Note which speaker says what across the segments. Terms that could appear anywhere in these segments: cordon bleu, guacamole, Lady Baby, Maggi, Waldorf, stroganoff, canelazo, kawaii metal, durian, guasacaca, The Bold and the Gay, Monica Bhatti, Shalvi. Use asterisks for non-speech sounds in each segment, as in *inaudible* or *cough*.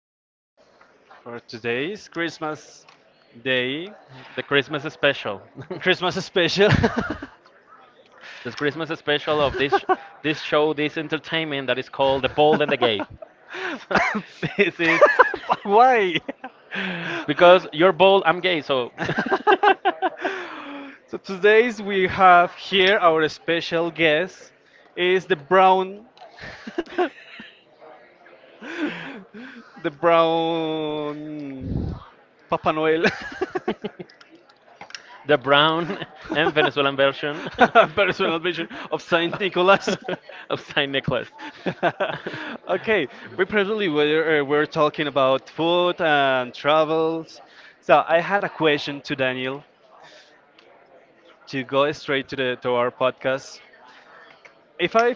Speaker 1: session for today's Christmas Day,
Speaker 2: The Christmas special. *laughs*
Speaker 1: Christmas special. *laughs*
Speaker 2: The Christmas special of this show, this entertainment that is called The Bold and the Gay. *laughs* So this is
Speaker 1: But why?
Speaker 2: *laughs* because you're bold, I'm gay, so.
Speaker 1: *laughs* So today's we have here our special guest is the brown *laughs* *laughs* the brown Papa Noel.
Speaker 2: *laughs* The brown and Venezuelan version
Speaker 1: *laughs* Personal vision of
Speaker 2: *laughs*
Speaker 1: Saint Nicholas. *laughs*
Speaker 2: of Saint Nicholas. *laughs*
Speaker 1: Okay, we previously were talking about food and travels. So I had a question to Daniel to go straight to the to our podcast. If I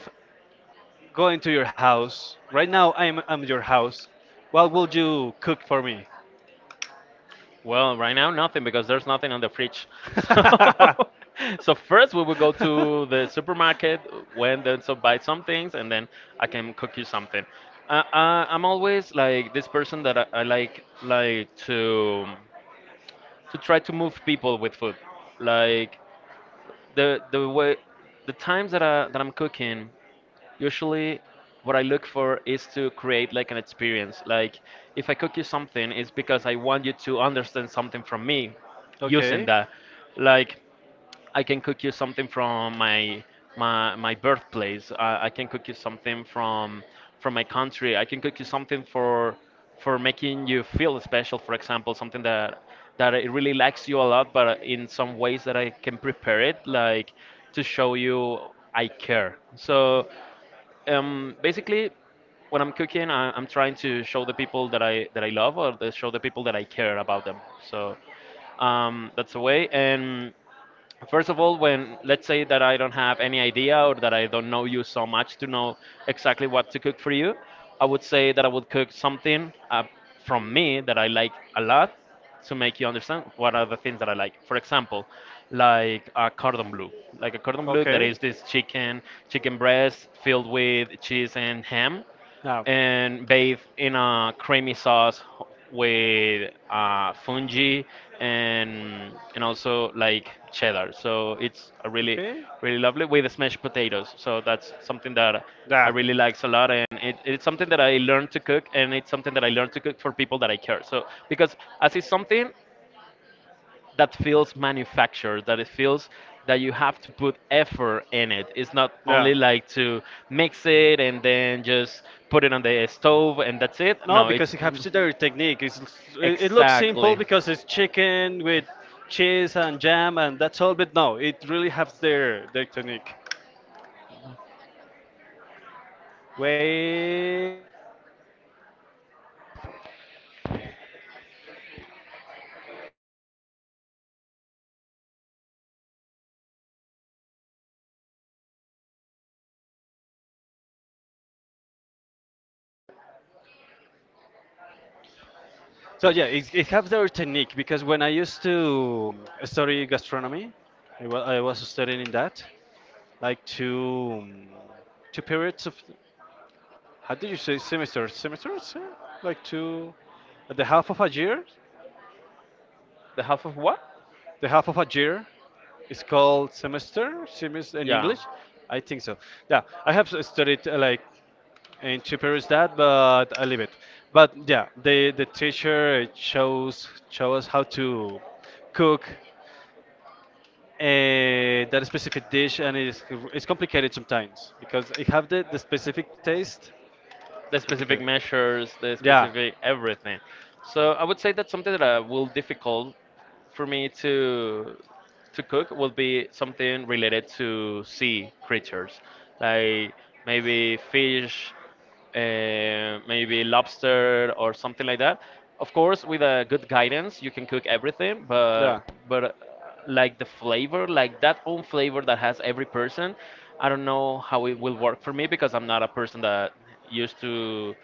Speaker 1: go into your house right now, I'm your house. What will you cook for me?
Speaker 2: Well, right now nothing because there's nothing on the fridge. *laughs* So, so first we will go
Speaker 1: *laughs*
Speaker 2: to the supermarket when then so buy some things, and then I can cook you something. I'm always like this person that I like to try to move people with food. Like the way the times that I'm cooking usually what I look for is to create like an experience. Like if I cook you something, it's because I want you to understand something from me using
Speaker 1: Okay,
Speaker 2: that. Like I can cook you something from my birthplace. I can cook you something from my country. I can cook you something for making you feel special. For example, something that that it really likes you a lot, but in some ways that I can prepare it, like to show you I care. So basically, when I'm cooking, I'm trying to show the people that I love, or the, show the people that I care about them. So that's a way. And first of all, when, let's say that I don't have any idea, or that I don't know you so much to know exactly what to cook for you, I would say that I would cook something, from me, that I like a lot, to make you understand what are the things that I like. For example, like a cordon bleu, like a cordon bleu, that
Speaker 1: okay.
Speaker 2: is this chicken breast filled with cheese and ham
Speaker 1: Now,
Speaker 2: and bathed in a creamy sauce with fungi, and also like cheddar. So it's a really
Speaker 1: okay.
Speaker 2: really lovely with smashed potatoes. So that's something that I
Speaker 1: Yeah.
Speaker 2: really likes a lot, and it's something that I learned to cook, and it's something that I learned to cook for people that I care. So because as it's something that feels manufactured, that it feels that you have to put effort in it, it's not only
Speaker 1: Yeah.
Speaker 2: like to mix it and then just put it on the stove and that's it.
Speaker 1: No,
Speaker 2: No,
Speaker 1: because
Speaker 2: it's
Speaker 1: it has to do your technique. It's, it looks simple
Speaker 2: exactly
Speaker 1: because it's chicken with cheese and jam and that's all, but no, it really has their technique. Wait. So yeah, it has their technique because when I used to study gastronomy, I was studying in that, like two two periods of how did you say semesters? Semesters, yeah? Like two, the half of a year.
Speaker 2: the half of what?
Speaker 1: The half of a year is called semester, semester in
Speaker 2: Yeah,
Speaker 1: English, I think so. Yeah, I have studied like in two periods that, but I leave it. But yeah, the teacher show us how to cook uh, that specific dish, and it's complicated sometimes because it have the specific taste, it's
Speaker 2: the
Speaker 1: complicated.
Speaker 2: specific measures, the
Speaker 1: Yeah.
Speaker 2: specific everything. So I would say that something that will difficult for me to cook will be something related to sea creatures, like maybe fish, maybe lobster or something like that. Of course, with a good guidance, you can cook everything,
Speaker 1: Yeah,
Speaker 2: but like the flavor, like that own flavor that has every person. I don't know how it will work for me because I'm not a person that used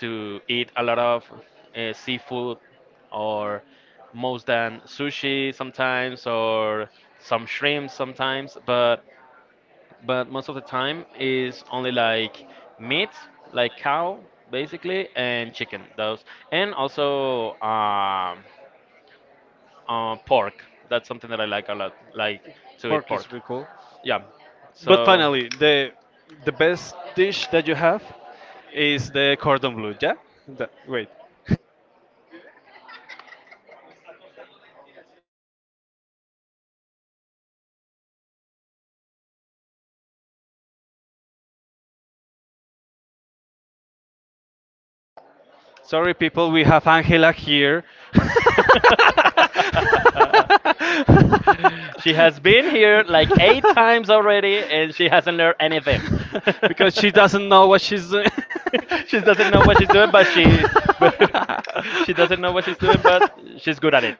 Speaker 2: to eat a lot of seafood, or most than sushi sometimes or some shrimp sometimes, but most of the time is only like meat, like cow basically, and chicken. Those and also. Pork. That's something that I like a lot. Like to eat
Speaker 1: pork
Speaker 2: pork.
Speaker 1: is really cool.
Speaker 2: Yeah.
Speaker 1: But
Speaker 2: So
Speaker 1: finally the best dish that you have is the cordon bleu, yeah. The- wait. Sorry, people, we have Angela here. *laughs*
Speaker 2: *laughs* she has been here like 8 times already, and she hasn't learned anything. *laughs*
Speaker 1: Because she doesn't know what she's doing. *laughs*
Speaker 2: She doesn't know what she's doing, but she *laughs* but she doesn't know what she's doing, but she's good at it.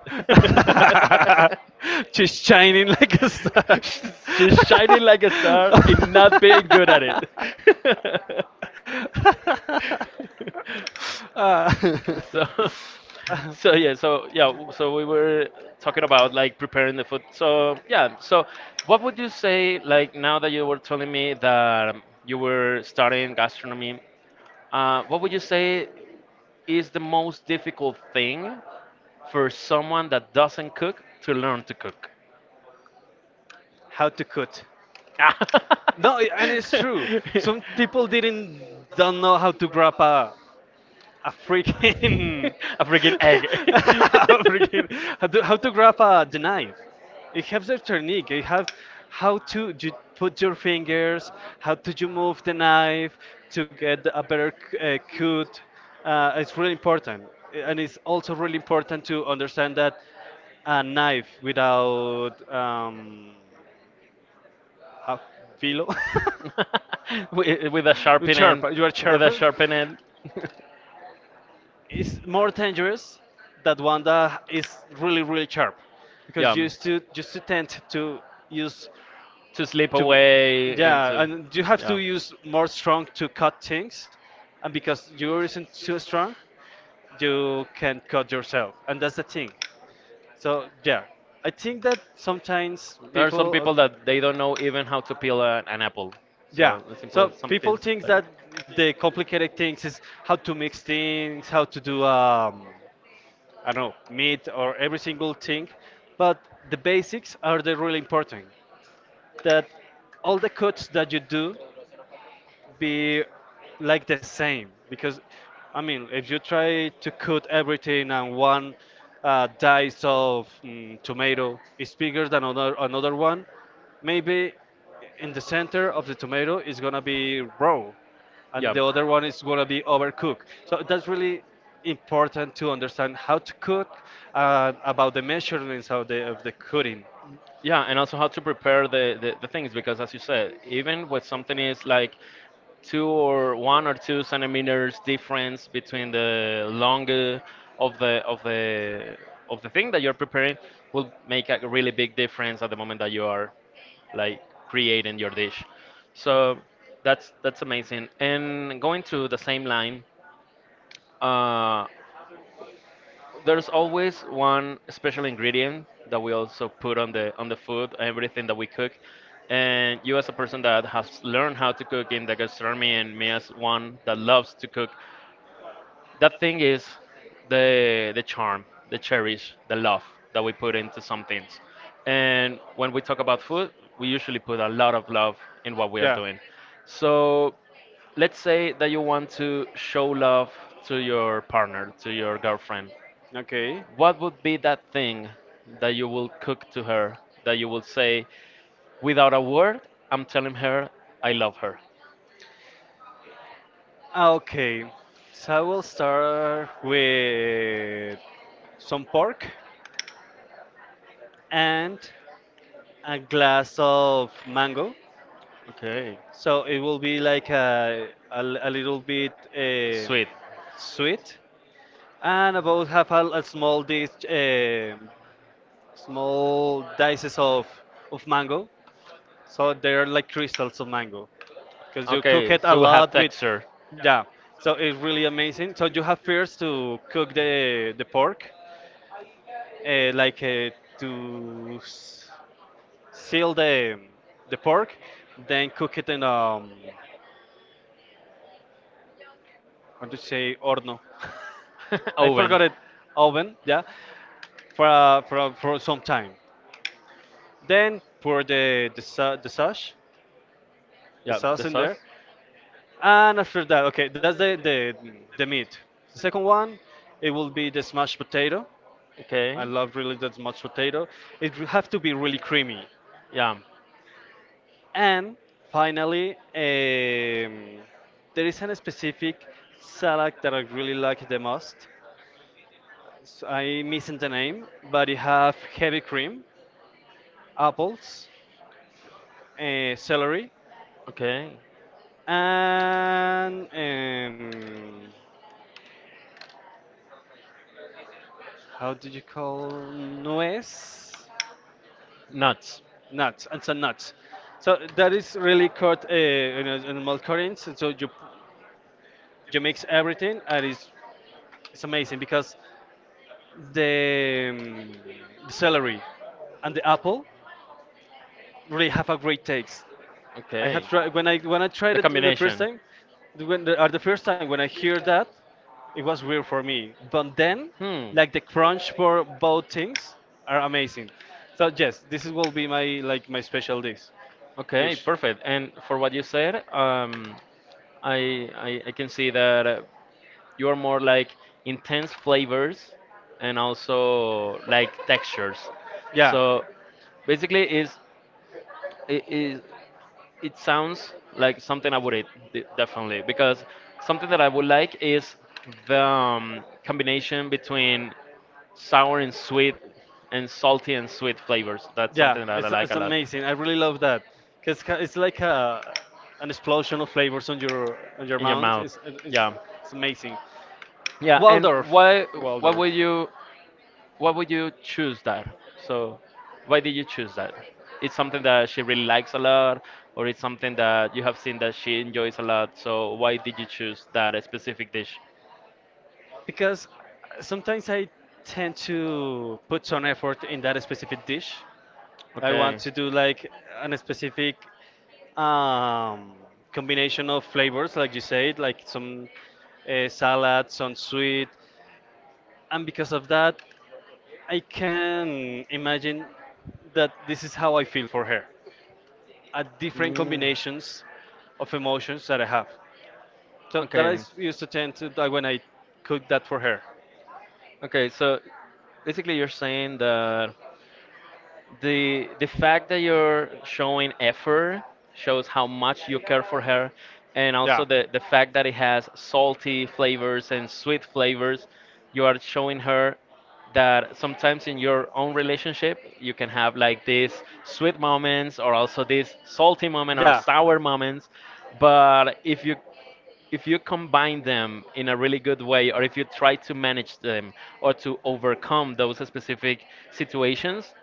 Speaker 1: She's shining like a star.
Speaker 2: *laughs* She's shining like a star in not being good at
Speaker 1: *laughs* *laughs*
Speaker 2: it. *laughs*
Speaker 1: uh,
Speaker 2: So,
Speaker 1: *laughs*
Speaker 2: *laughs* so yeah, so yeah, so we were talking about like preparing the food. So yeah, so what would you say, like now that you were telling me that you were studying gastronomy, what would you say is the most difficult thing for someone that doesn't cook to learn to cook?
Speaker 1: how to cut? No, and it's true. Some people
Speaker 2: *laughs*
Speaker 1: didn't don't know how to grab a
Speaker 2: *laughs*
Speaker 1: freaking
Speaker 2: A freaking egg.
Speaker 1: *laughs*
Speaker 2: *laughs*
Speaker 1: a freaking how to grab a the knife. It has a technique, it has how to you put your fingers, how to you move the knife to get a better cut. It's really important, and it's also really important to understand that a knife without how filo *laughs*
Speaker 2: *laughs* With a
Speaker 1: you
Speaker 2: sharpened end.
Speaker 1: sharp you are
Speaker 2: With a
Speaker 1: sharpened
Speaker 2: sharpened end. *laughs*
Speaker 1: is more dangerous than one that is really really sharp, because
Speaker 2: Yeah,
Speaker 1: you used to just to tend to use
Speaker 2: to slip
Speaker 1: to,
Speaker 2: away and
Speaker 1: yeah,
Speaker 2: to,
Speaker 1: and you have to
Speaker 2: yeah.
Speaker 1: use more strong to cut things, and because you isn't too strong you can cut yourself, and that's the thing. So yeah, I think that sometimes
Speaker 2: There are some
Speaker 1: people
Speaker 2: people that they don't know even how to peel a, an apple.
Speaker 1: yeah.
Speaker 2: So as simple
Speaker 1: So
Speaker 2: as some
Speaker 1: people
Speaker 2: things
Speaker 1: think
Speaker 2: like
Speaker 1: that the complicated things is how to mix things, how to do I don't know, meat or every single thing, but the basics are the really important. That all the cuts that you do be like the same, because I mean if you try to cut everything and one dice of tomato is bigger than another one, maybe in the center of the tomato is gonna be raw and
Speaker 2: yeah.
Speaker 1: the other one is gonna be overcooked, so that's really important to understand how to cook about the measurements of the cooking.
Speaker 2: Yeah, and also how to prepare the things because, as you said, even with something is like two or one or two centimeters difference between the longer of the of the of the thing that you're preparing will make a really big difference at the moment that you are like creating your dish. So that's amazing. And going to the same line, uh, there's always one special ingredient that we also put on the food everything that we cook, and you as a person that has learned how to cook in the gastronomy, and me as one that loves to cook, that thing is the charm, the cherish, the love that we put into some things. And when we talk about food, we usually put a lot of love in what we are
Speaker 1: Yeah.
Speaker 2: doing. So let's say that you want to show love to your partner, to your girlfriend,
Speaker 1: Okay.
Speaker 2: what would be that thing that you will cook to her, that you will say without a word? I'm telling her I love her.
Speaker 1: Okay, so I will start with some pork and a glass of mango.
Speaker 2: Okay.
Speaker 1: So it will be like a, a little bit
Speaker 2: Sweet.
Speaker 1: sweet, and about half a small dish, small dices of mango. So they are like crystals of mango, because you cook
Speaker 2: Okay,
Speaker 1: it a
Speaker 2: so we have
Speaker 1: lot with,
Speaker 2: texture.
Speaker 1: yeah. So it's really amazing. So you have first to cook the pork uh, like uh, to s- seal the pork, then cook it in how to say horno.
Speaker 2: *laughs*
Speaker 1: *laughs* I
Speaker 2: Oven.
Speaker 1: forgot it, oven. Yeah, for for some time. Then pour the sauce, the
Speaker 2: Yeah, the
Speaker 1: sauce in
Speaker 2: sauce.
Speaker 1: there, and after that, okay, that's the meat. The second one, it will be the smashed potato.
Speaker 2: Okay.
Speaker 1: I love really the mashed potato. It will have to be really creamy.
Speaker 2: Yeah.
Speaker 1: And finally, there is a specific salad that I really like the most. So I'm missing the name, but it have heavy cream, apples, celery,
Speaker 2: Okay.
Speaker 1: and how do you call nuez?
Speaker 2: Nuts.
Speaker 1: Nuts. And some nuts. So that is really cut in, in a mild currents. So you you mix everything, and it's amazing because the celery and the apple really have a great taste. I
Speaker 2: Okay.
Speaker 1: have tried when I tried
Speaker 2: The
Speaker 1: it the first
Speaker 2: combination.
Speaker 1: time, when the, or the first time when I hear that, it was weird for me. But then,
Speaker 2: Hmm.
Speaker 1: like the crunch for both things are amazing. So yes, this is- will be my like my special dish.
Speaker 2: Okay,
Speaker 1: Dish.
Speaker 2: perfect. And for what you said, I can see that you are more like intense flavors and also like textures.
Speaker 1: Yeah,
Speaker 2: So basically, is it sounds like something I would eat, definitely, because something that I would like is the combination between sour and sweet and salty and sweet flavors. That's
Speaker 1: yeah,
Speaker 2: something that I like
Speaker 1: it's
Speaker 2: a lot.
Speaker 1: amazing. I really love that because it's like a an explosion of flavors on your
Speaker 2: In your
Speaker 1: mouth.
Speaker 2: mouth, yeah,
Speaker 1: It's amazing.
Speaker 2: yeah. And
Speaker 1: Waldorf,
Speaker 2: what
Speaker 1: Waldorf.
Speaker 2: would you why would you choose that? So, why did you choose that? It's something that she really likes a lot, or it's something that you have seen that she enjoys a lot. So, why did you choose that specific dish?
Speaker 1: Because sometimes I tend to put some effort in that specific dish. I
Speaker 2: Okay.
Speaker 1: want to do like an specific um, combination of flavors, like you said, like some salad, some sweet, and because of that, I can imagine that this is how I feel for her, a different
Speaker 2: Mm.
Speaker 1: combinations of emotions that I have. So that I
Speaker 2: Okay.
Speaker 1: used to tend to that when I cooked that for her.
Speaker 2: Okay, so basically you're saying that the fact that you're showing effort shows how much you care for her, and also
Speaker 1: Yeah.
Speaker 2: the fact that it has salty flavors and sweet flavors, you are showing her that sometimes in your own relationship you can have like these sweet moments or also these salty moment or
Speaker 1: Yeah.
Speaker 2: sour moments, but if you combine them in a really good way, or if you try to manage them or to overcome those specific situations,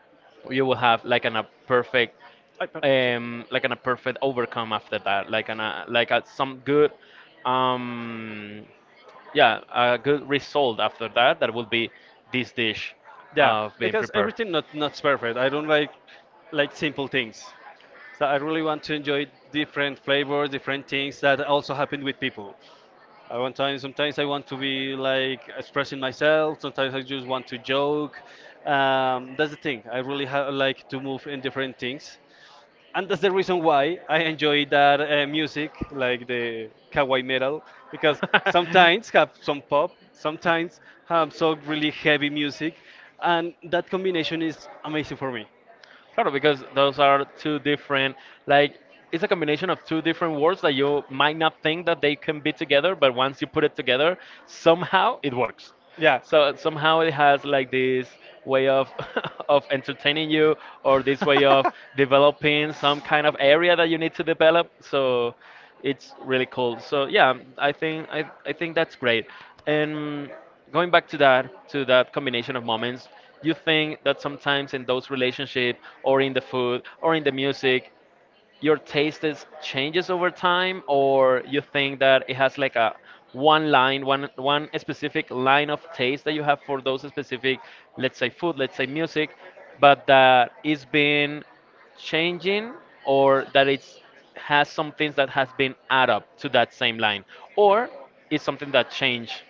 Speaker 2: you will have like an, a perfect
Speaker 1: I per-
Speaker 2: like an, a perfect overcome after that, like an, a like a, some good um yeah a good result after that, that will be this dish
Speaker 1: yeah,
Speaker 2: of being
Speaker 1: because
Speaker 2: prepared.
Speaker 1: everything not not's perfect. I don't like simple things. So I really want to enjoy different flavors, different things that also happen with people. I want time. Sometimes I want to be like expressing myself. Sometimes I just want to joke. That's the thing. I really like to move in different things. And that's the reason why I enjoy that music, like the kawaii metal, because sometimes have some pop,
Speaker 2: *laughs*
Speaker 1: sometimes have some really heavy music, and that combination is amazing for me.
Speaker 2: Claro, because those are two different, like, it's a combination of two different words that you might not think that they can be together, but once you put it together, somehow it works.
Speaker 1: Yeah.
Speaker 2: So somehow it has like this way of *laughs* of entertaining you, or this way of developing some kind of area that you need to develop. So it's really cool. So yeah, I think I think that's great. And going back to that combination of moments, you
Speaker 1: *laughs*
Speaker 2: think that sometimes in those relationships or in the food or in the music your taste is changes over time, or you think that it has like a one line one one specific line of taste that you have for those specific, let's say food, let's say music, but that it's been changing, or that it's has some things that has been add up to that same line, or it's something that changed?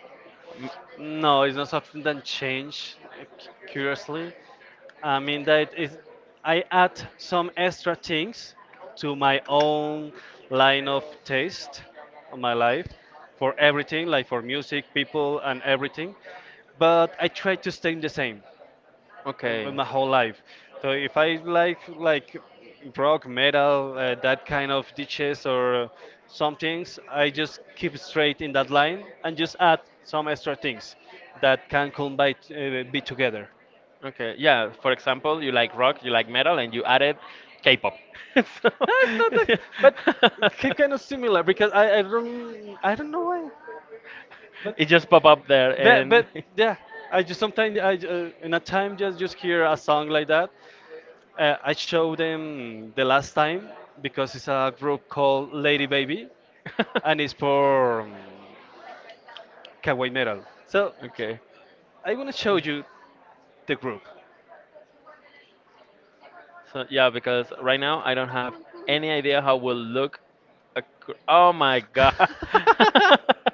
Speaker 1: No, it's not something that changed, curiously. I mean that is, I add some extra things to my own line of taste on my life for everything, like for music, people, and everything. But I try to stay the same
Speaker 2: Okay.
Speaker 1: my whole life. So if I like rock, metal, that kind of ditches or some things, I just keep straight in that line and just add some extra things that can combine be together.
Speaker 2: Okay, yeah. For example, you like rock, you like metal, and you added K-pop. *laughs* So-
Speaker 1: No, it's not that,
Speaker 2: *laughs*
Speaker 1: but kind of similar because I don't I don't know why, but
Speaker 2: it just pop up there,
Speaker 1: but
Speaker 2: and
Speaker 1: yeah, I just sometimes in a time just hear a song like that,
Speaker 2: *laughs*
Speaker 1: I showed them the last time because it's a group called Lady Baby, and it's for
Speaker 2: *laughs*
Speaker 1: Kawaii Metal. So
Speaker 2: okay.
Speaker 1: I want to show you the group.
Speaker 2: So yeah, because right now I don't have any idea how will look. Oh my god.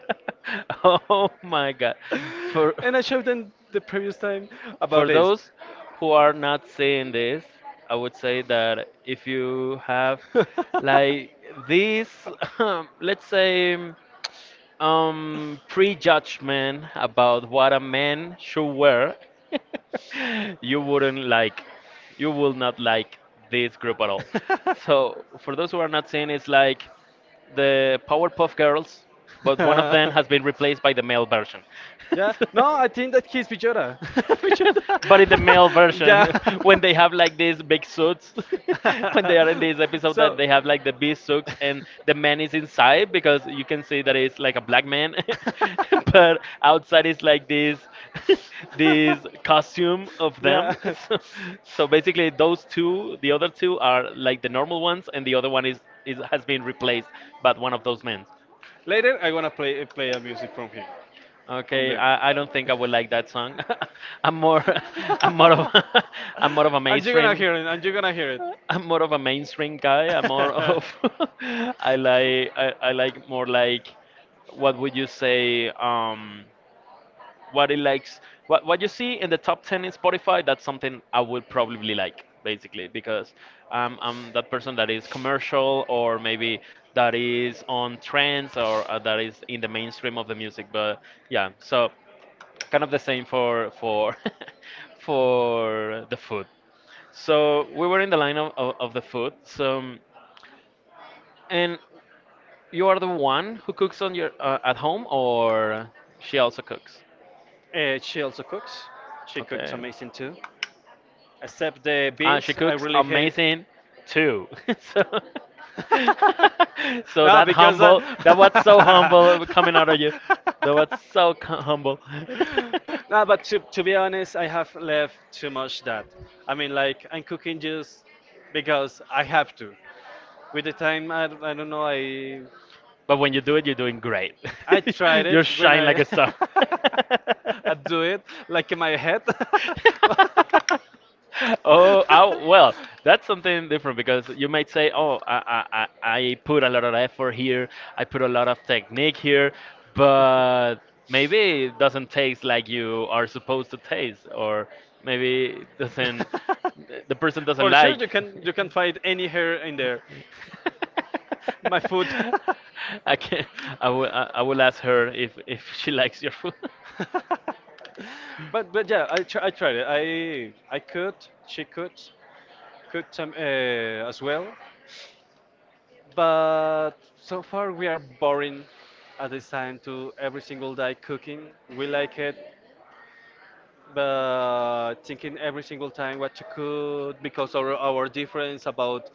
Speaker 1: *laughs*
Speaker 2: Oh my god. For
Speaker 1: And I showed them the previous time about
Speaker 2: for
Speaker 1: this.
Speaker 2: those who are not seeing this, I would say that if you have like this,
Speaker 1: *laughs*
Speaker 2: *laughs* let's say. Um, prejudgment about what a man should
Speaker 1: *laughs*
Speaker 2: wear, *laughs* you wouldn't like you will not like this group at all. So for those who are not seeing, it's like the Powerpuff Girls, but one of them has been replaced by the male version.
Speaker 1: Yeah. No, I think
Speaker 2: *laughs*
Speaker 1: that he's Villora. *laughs*
Speaker 2: *laughs* But in the
Speaker 1: Villora.
Speaker 2: male
Speaker 1: *laughs*
Speaker 2: version,
Speaker 1: Yeah.
Speaker 2: *laughs* when they have like these big suits, *laughs* when they are in this
Speaker 1: *laughs*
Speaker 2: episode that
Speaker 1: So.
Speaker 2: they have like the beast suits and the man is inside because you can see that it's like a black man, *laughs* but
Speaker 1: *laughs*
Speaker 2: outside is like this *laughs* this
Speaker 1: *laughs*
Speaker 2: costume of
Speaker 1: Yeah.
Speaker 2: them. *laughs*
Speaker 1: *laughs*
Speaker 2: So, so basically, those two, the other two are like the normal ones, and the other one is has been replaced by one of those men.
Speaker 1: Later, I wanna play a music from him, from
Speaker 2: Okay,
Speaker 1: them.
Speaker 2: I don't think I would like that song. *laughs* I'm more *laughs* I'm more of *laughs* I'm more of a
Speaker 1: *laughs* And you're gonna
Speaker 2: mainstream
Speaker 1: hear it. And you're gonna hear it.
Speaker 2: *laughs* I'm more of a mainstream guy. I'm more of
Speaker 1: *laughs*
Speaker 2: *laughs* I like I like more like what would you say what it likes what you see in the top 10 in Spotify. That's something I would probably like, basically because I'm that person that is commercial, or maybe that is on trends, or that is in the mainstream of the music. But yeah, so kind of the same for *laughs* for the food. So we were in the line of the food. So and you are the one who cooks on your at home, or she also cooks?
Speaker 1: She also cooks. She cooks
Speaker 2: Okay.
Speaker 1: amazing too. Except the
Speaker 2: She
Speaker 1: beans, I
Speaker 2: cooks
Speaker 1: really hate.
Speaker 2: amazing too. *laughs* So, *laughs*
Speaker 1: *laughs*
Speaker 2: so
Speaker 1: No,
Speaker 2: that
Speaker 1: because
Speaker 2: humble, that was so humble coming out of you.
Speaker 1: *laughs*
Speaker 2: That was so c humble.
Speaker 1: no, but to be honest, I have
Speaker 2: *laughs*
Speaker 1: left too much that. I mean, like I'm cooking just because I have to. With the time, I don't know,
Speaker 2: But when you do it, you're doing great.
Speaker 1: I tried
Speaker 2: I *laughs*
Speaker 1: it when
Speaker 2: shine *laughs* like
Speaker 1: I
Speaker 2: a star.
Speaker 1: *laughs*
Speaker 2: *laughs* I
Speaker 1: I do it like in my head. *laughs*
Speaker 2: *laughs* *laughs* Oh, oh, well, that's something different because you might say, "Oh, I I put a lot of effort here. I put a lot of technique here," but maybe it doesn't taste like you are supposed to taste, or maybe it doesn't
Speaker 1: *laughs*
Speaker 2: the person doesn't
Speaker 1: For sure,
Speaker 2: like.
Speaker 1: you can find any hair in there.
Speaker 2: *laughs*
Speaker 1: *laughs* My foot.
Speaker 2: I can I will I will ask her if she likes your food. *laughs*
Speaker 1: *laughs* *laughs* But yeah, I tried it. I could, she could some as well. But so far we are boring at this time to every single day cooking. We like it, but thinking every single time what to cook because our difference about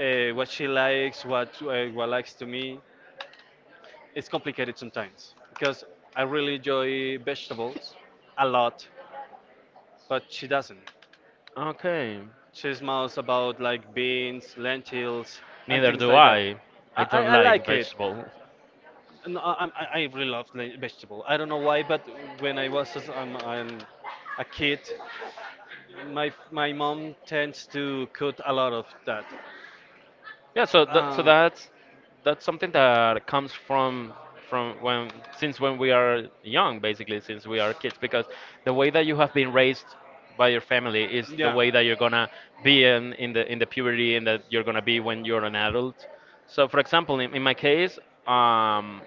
Speaker 1: what she likes, what likes to me, it's complicated sometimes because I really enjoy vegetables a lot, but she doesn't.
Speaker 2: Okay.
Speaker 1: She's mouse about like beans, lentils, and
Speaker 2: Neither
Speaker 1: things
Speaker 2: do
Speaker 1: like that.
Speaker 2: I. I don't
Speaker 1: I
Speaker 2: like
Speaker 1: like it.
Speaker 2: vegetable.
Speaker 1: No, I really love vegetable. I don't know why, but when I was a kid, my mom tends to cook a lot of that.
Speaker 2: Yeah, so th so
Speaker 1: Uh,
Speaker 2: that's something that comes from when since when we are young, basically, since we are kids, because the way that you have been raised by your family is the
Speaker 1: yeah.
Speaker 2: way that you're gonna be in, the in the puberty and that you're gonna be when you're an adult. So, for example, in my case, um,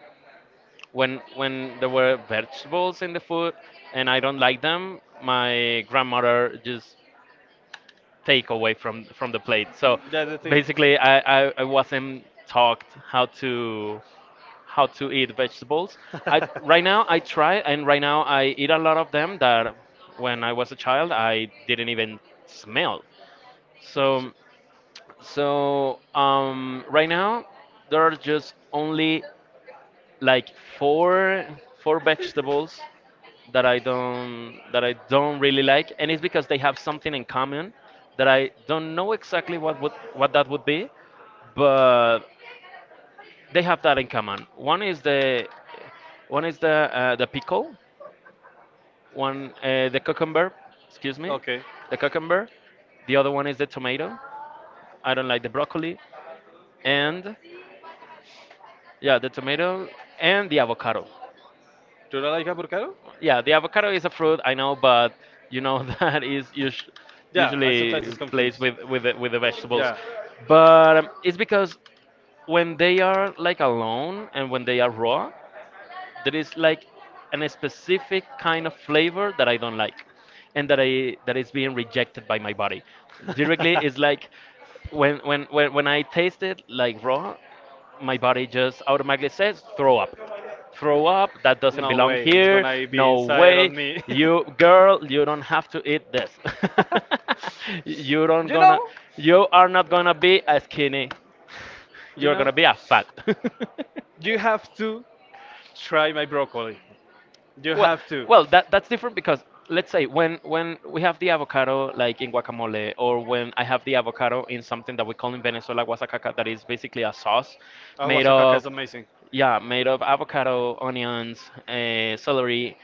Speaker 2: when there were vegetables in the food and I don't like them, my grandmother just take away from the plate. So
Speaker 1: That's the thing.
Speaker 2: basically, I, I wasn't taught how to eat vegetables. I right now
Speaker 1: *laughs*
Speaker 2: I try, and right now I eat a lot of them that when I was a child I didn't even smell.
Speaker 1: What is
Speaker 2: So
Speaker 1: it?
Speaker 2: so right now there are just only like four vegetables that I don't really like, and it's because they have something in common that I don't know exactly what would what that would be, but they have that in common. One is the pickle, one the cucumber, excuse me,
Speaker 1: Okay.
Speaker 2: the cucumber. The other one is the tomato. I don't like the broccoli, and yeah, the tomato and the avocado.
Speaker 1: Do you not like avocado?
Speaker 2: Yeah, the avocado is a fruit, I know, but you know *laughs* that is usu
Speaker 1: Yeah, I sometimes
Speaker 2: usually
Speaker 1: it's
Speaker 2: placed
Speaker 1: confused.
Speaker 2: with the vegetables.
Speaker 1: Yeah.
Speaker 2: But it's because when they are like alone and when they are raw, there is like an a specific kind of flavor that I don't like and that I that is being rejected by my body. Directly is like when when I taste
Speaker 1: *laughs*
Speaker 2: it like raw, my body just automatically says throw up. Throw up, that doesn't
Speaker 1: No
Speaker 2: belong
Speaker 1: way, it's
Speaker 2: here,
Speaker 1: gonna be
Speaker 2: no
Speaker 1: inside of
Speaker 2: way.
Speaker 1: me.
Speaker 2: You girl, you don't have to eat this.
Speaker 1: *laughs*
Speaker 2: *laughs* You don't
Speaker 1: You
Speaker 2: gonna
Speaker 1: know,
Speaker 2: you are not gonna be a skinny.
Speaker 1: you
Speaker 2: You're
Speaker 1: know,
Speaker 2: gonna be a fat. *laughs*
Speaker 1: you have to try my broccoli. You
Speaker 2: Well,
Speaker 1: have to.
Speaker 2: well, that that's different because let's say when we have the avocado like in guacamole, or when I have the avocado in something that we call in Venezuela guasacaca, that is basically a sauce
Speaker 1: Oh,
Speaker 2: made
Speaker 1: Oaxaca is
Speaker 2: of,
Speaker 1: amazing.
Speaker 2: yeah, made of avocado, onions, celery,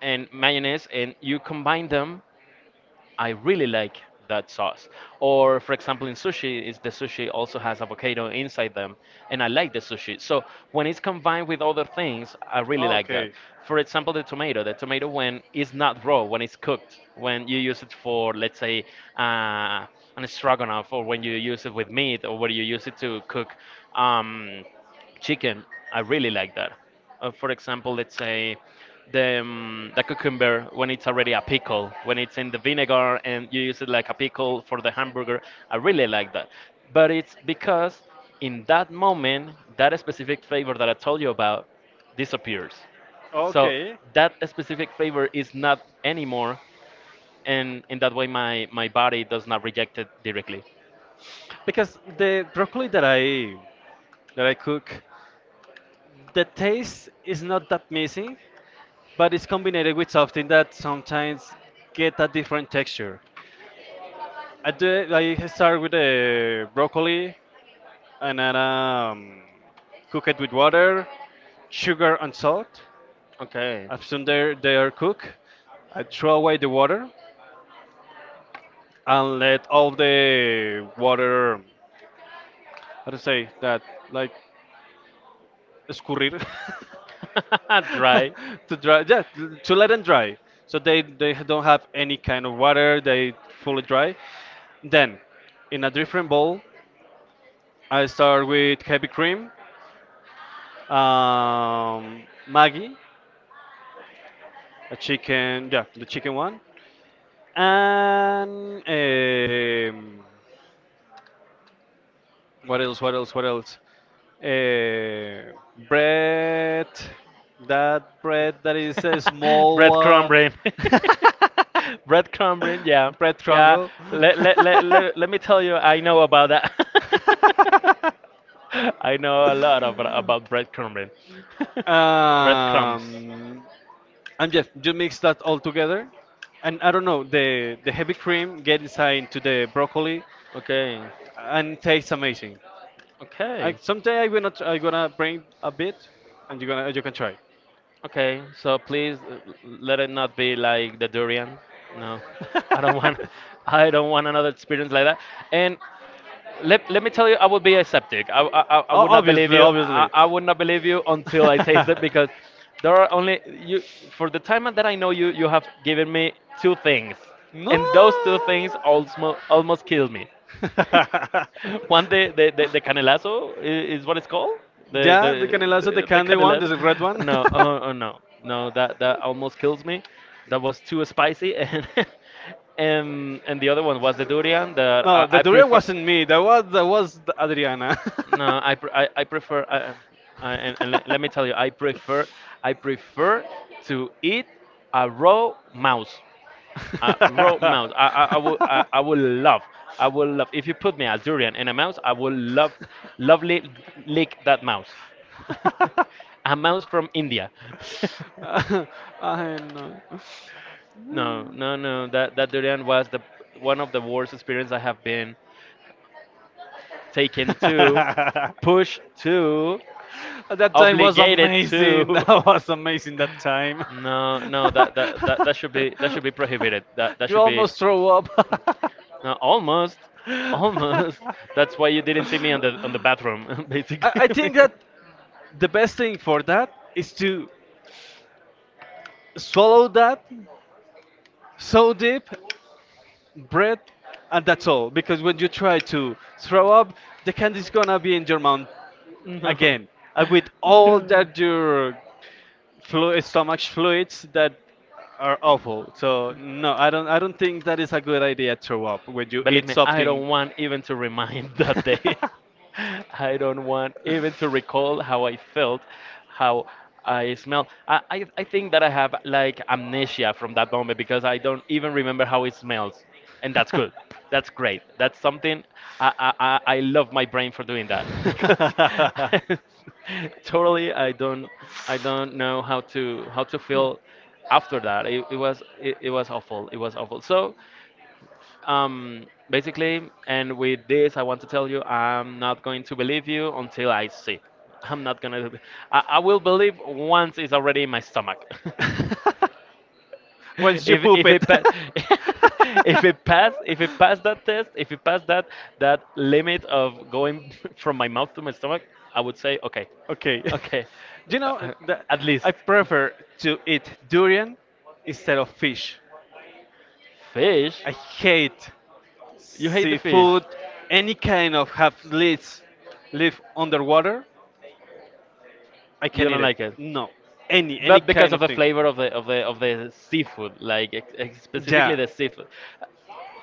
Speaker 2: and mayonnaise, and you combine them. I really like that sauce. Or for example, in sushi, is the sushi also has avocado inside them, and I like the sushi. So when it's combined with other things, I really like that.
Speaker 1: Okay.
Speaker 2: For example, the tomato. The tomato when it's not raw, when it's cooked, when you use it for let's say uh, an stroganoff, or when you use it with meat, or when you use it to cook. Um, chicken. I really like that. For example, let's say the cucumber when it's already a pickle, when it's in the vinegar and you use it like a pickle for the hamburger. I really like that. But it's because in that moment, that specific flavor that I told you about disappears.
Speaker 1: So that is
Speaker 2: So
Speaker 1: specifically.
Speaker 2: that specific flavor is not anymore, and in that way, my body does not reject it directly.
Speaker 1: Because the broccoli that I cook, the taste is not that missing, but it's combined with something that sometimes get a different texture. I start with the broccoli and then cook it with water, sugar and salt.
Speaker 2: Okay,
Speaker 1: After they're cooked, I throw away the water and let all the water, how to say that, like escurrir.
Speaker 2: *laughs*
Speaker 1: *laughs*
Speaker 2: dry.
Speaker 1: *laughs* To dry, yeah, to let them dry. So they don't have any kind of water, they fully dry. Then, in a different bowl, I start with heavy cream, Maggi, a chicken, yeah, the chicken one, and what else? Uh, Bread, that bread that is a
Speaker 2: *laughs*
Speaker 1: small
Speaker 2: Breadcrumb
Speaker 1: one.
Speaker 2: brain.
Speaker 1: *laughs*
Speaker 2: *laughs* Breadcrumb brain, yeah.
Speaker 1: *laughs* Brett
Speaker 2: Yeah,
Speaker 1: Trumbull.
Speaker 2: let, let,
Speaker 1: *laughs*
Speaker 2: let, let, let me tell you, I know about that. *laughs* I know a lot about breadcrumb brain. *laughs* Breadcrumbs.
Speaker 1: um, and just, you mix that all together, and I don't know, the heavy cream get inside into the broccoli,
Speaker 2: Okay,
Speaker 1: and it tastes amazing. I,
Speaker 2: okay,
Speaker 1: someday I'm gonna I gonna bring a bit, and you gonna you can try.
Speaker 2: okay. So please let it not be like the durian. No, I don't want.
Speaker 1: *laughs*
Speaker 2: *laughs* I don't want another experience like that. And let, me tell you, I would be aseptic. I, I
Speaker 1: O-
Speaker 2: would not believe
Speaker 1: obviously,
Speaker 2: you. I,
Speaker 1: obviously.
Speaker 2: I would not believe you until I taste it because
Speaker 1: *laughs*
Speaker 2: there are only you for the time that I know you. You have given me two things,
Speaker 1: No.
Speaker 2: and those two things almost killed me.
Speaker 1: *laughs*
Speaker 2: *laughs* One the the canelazo I- is what it's called. The
Speaker 1: Yeah, the canelazo, the
Speaker 2: the
Speaker 1: candy one,
Speaker 2: canelazo.
Speaker 1: the red one.
Speaker 2: No, oh, oh no, no. That that almost kills me. That was too spicy and. *laughs* And, the other one was the durian
Speaker 1: *laughs*
Speaker 2: that
Speaker 1: No,
Speaker 2: I,
Speaker 1: the
Speaker 2: I
Speaker 1: durian
Speaker 2: prefer.
Speaker 1: wasn't me. That was Adriana.
Speaker 2: No, I pre I prefer I, and let, me tell you, I prefer to eat a raw mouse. A raw mouse. I
Speaker 1: *laughs*
Speaker 2: would I would love I would love if you put me a durian and a mouse, I would love lovely lick that mouse. *laughs* A mouse from India. *laughs*
Speaker 1: *laughs* I know.
Speaker 2: No, no, no. That that durian was the one of the worst experience I have been taken
Speaker 1: *laughs*
Speaker 2: to,
Speaker 1: That
Speaker 2: pushed to,
Speaker 1: time was
Speaker 2: obligated
Speaker 1: amazing. *laughs*
Speaker 2: to.
Speaker 1: That
Speaker 2: *laughs*
Speaker 1: was amazing. That time.
Speaker 2: No, no, that that should be prohibited. That
Speaker 1: *laughs*
Speaker 2: that
Speaker 1: You
Speaker 2: should be
Speaker 1: almost throw up.
Speaker 2: no, almost,
Speaker 1: *laughs*
Speaker 2: almost.
Speaker 1: I,
Speaker 2: *laughs* That's why you didn't see me on the bathroom, *laughs*
Speaker 1: I
Speaker 2: basically.
Speaker 1: think that
Speaker 2: *laughs*
Speaker 1: the best thing for that is to swallow that so deep, breath, and that's all. Because when you try to throw up, the candy's gonna be in your mouth
Speaker 2: No,
Speaker 1: again with all
Speaker 2: no.
Speaker 1: that your stomach fluids that are awful, so no, I don't I don't think that is a good idea to throw up when you
Speaker 2: Believe
Speaker 1: eat
Speaker 2: me, I
Speaker 1: something.
Speaker 2: don't want even to remind *laughs* that day. I don't want even to recall how I felt, how I smelled. I, I think that I have like amnesia from that moment because I don't even remember how it smells. And that's good. That's great. That's something I, I love my brain for doing that *laughs* because *laughs* totally I don't know how to feel after that. It, it was awful. It was awful. So basically, and with this, I want to tell you I'm
Speaker 1: *laughs*
Speaker 2: not
Speaker 1: *laughs*
Speaker 2: going to believe you until I see. *laughs* I'm not gonna. Be- I will believe once it's already in my stomach.
Speaker 1: *laughs*
Speaker 2: *laughs*
Speaker 1: Once you
Speaker 2: if
Speaker 1: poop
Speaker 2: if
Speaker 1: it.
Speaker 2: it
Speaker 1: *laughs*
Speaker 2: pa- *laughs* if it pass that test, if it pass that that limit of going *laughs* from my mouth to my stomach, I would say okay,
Speaker 1: Okay. *laughs*
Speaker 2: okay,
Speaker 1: Do you know
Speaker 2: uh,
Speaker 1: that
Speaker 2: at least
Speaker 1: I prefer to eat durian instead of fish?
Speaker 2: fish.
Speaker 1: I hate
Speaker 2: You hate the fish.
Speaker 1: seafood, any kind of have lives live underwater. I
Speaker 2: You
Speaker 1: can eat
Speaker 2: don't
Speaker 1: it.
Speaker 2: like it,
Speaker 1: No, any
Speaker 2: but because
Speaker 1: kind
Speaker 2: of
Speaker 1: of
Speaker 2: the
Speaker 1: thing.
Speaker 2: flavor of the of the seafood, like ex- ex- specifically
Speaker 1: Yeah,
Speaker 2: the seafood.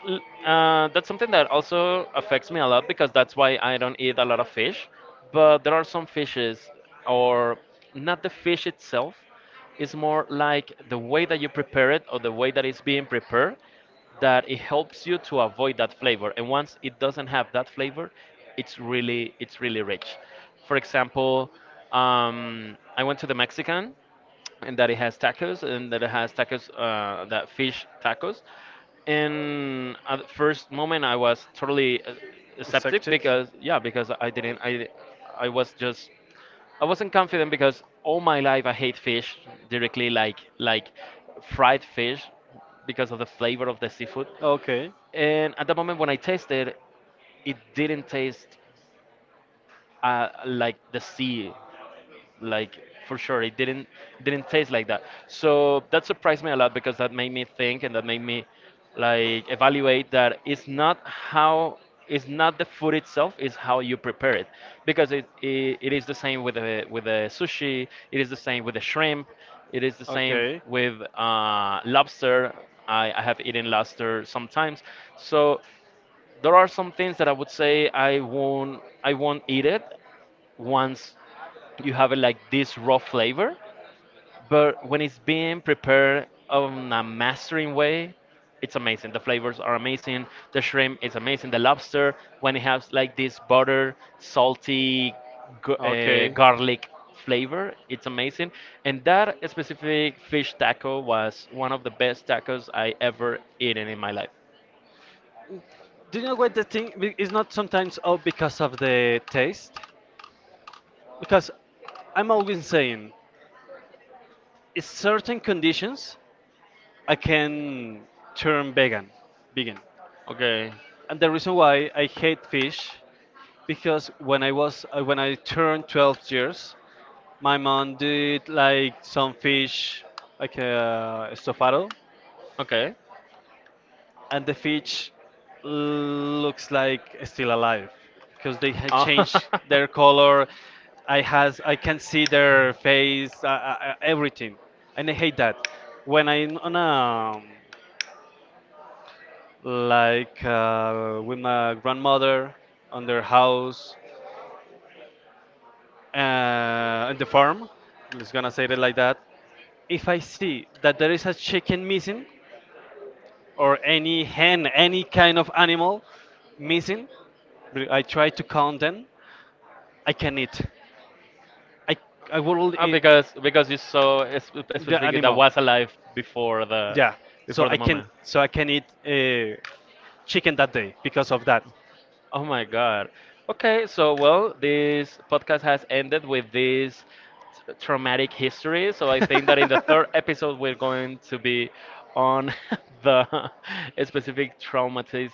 Speaker 2: L- that's something that also affects me a lot because that's why I don't eat a lot of fish. But there are some fishes, or not the fish itself, it's more like the way that you prepare it or the way that it's being prepared that it helps you to avoid that flavor. And once it doesn't have that flavor, it's really rich. For example, I went to the Mexican and that it has tacos and that it has tacos that fish tacos, and at the first moment I was totally skeptic,
Speaker 1: Sectik.
Speaker 2: because yeah, because I didn't I I was just I wasn't confident because all my life I hate fish directly, like fried fish, because of the flavor of the seafood,
Speaker 1: Okay.
Speaker 2: and at the moment when I tasted it didn't taste like the sea, like for sure it didn't taste like that, so that surprised me a lot because that made me think and that made me like evaluate that it's not how it's not the food itself, it's how you prepare it, because it, it is the same with the sushi, it is the same with the shrimp, it is the same
Speaker 1: Okay.
Speaker 2: with lobster. I have eaten lobster sometimes, so there are some things that I would say I won't eat it once you have it like this raw flavor, but when it's being prepared on a mastering way, it's amazing, the flavors are amazing, the shrimp is amazing, the lobster when it has like this butter salty
Speaker 1: Okay.
Speaker 2: garlic flavor, it's amazing, and that specific fish taco was one of the best tacos I ever eaten in my life.
Speaker 1: Do you know what the thing be- it's not sometimes all because of the taste? Because I'm always saying, in certain conditions, I can turn vegan, vegan.
Speaker 2: Okay,
Speaker 1: And the reason why I hate fish, because when I was when I turned 12 years, my mom did like some fish, like estofado,
Speaker 2: okay.
Speaker 1: and the fish looks like still alive because they had
Speaker 2: Oh.
Speaker 1: changed
Speaker 2: *laughs*
Speaker 1: their color. I has I can see their face, everything, and I hate that. When I'm on a like with my grandmother on their house in the farm, just gonna say it like that. If I see that there is a chicken missing, or any hen, any kind of animal missing, but I try to count them. I can eat. I I will
Speaker 2: Oh,
Speaker 1: eat
Speaker 2: because you saw es-
Speaker 1: the
Speaker 2: specifically that
Speaker 1: animal.
Speaker 2: was alive
Speaker 1: Yeah.
Speaker 2: before the moment.
Speaker 1: So I can eat chicken that day because of that.
Speaker 2: Oh my God. Okay, so well, this podcast has ended with this t- traumatic history. So I think that in the third episode, we're going to be on *laughs* the specific traumatisms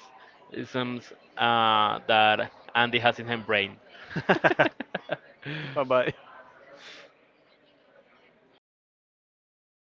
Speaker 2: that Andy has in her brain.
Speaker 1: *laughs* *laughs* *laughs* Bye bye.
Speaker 2: *laughs*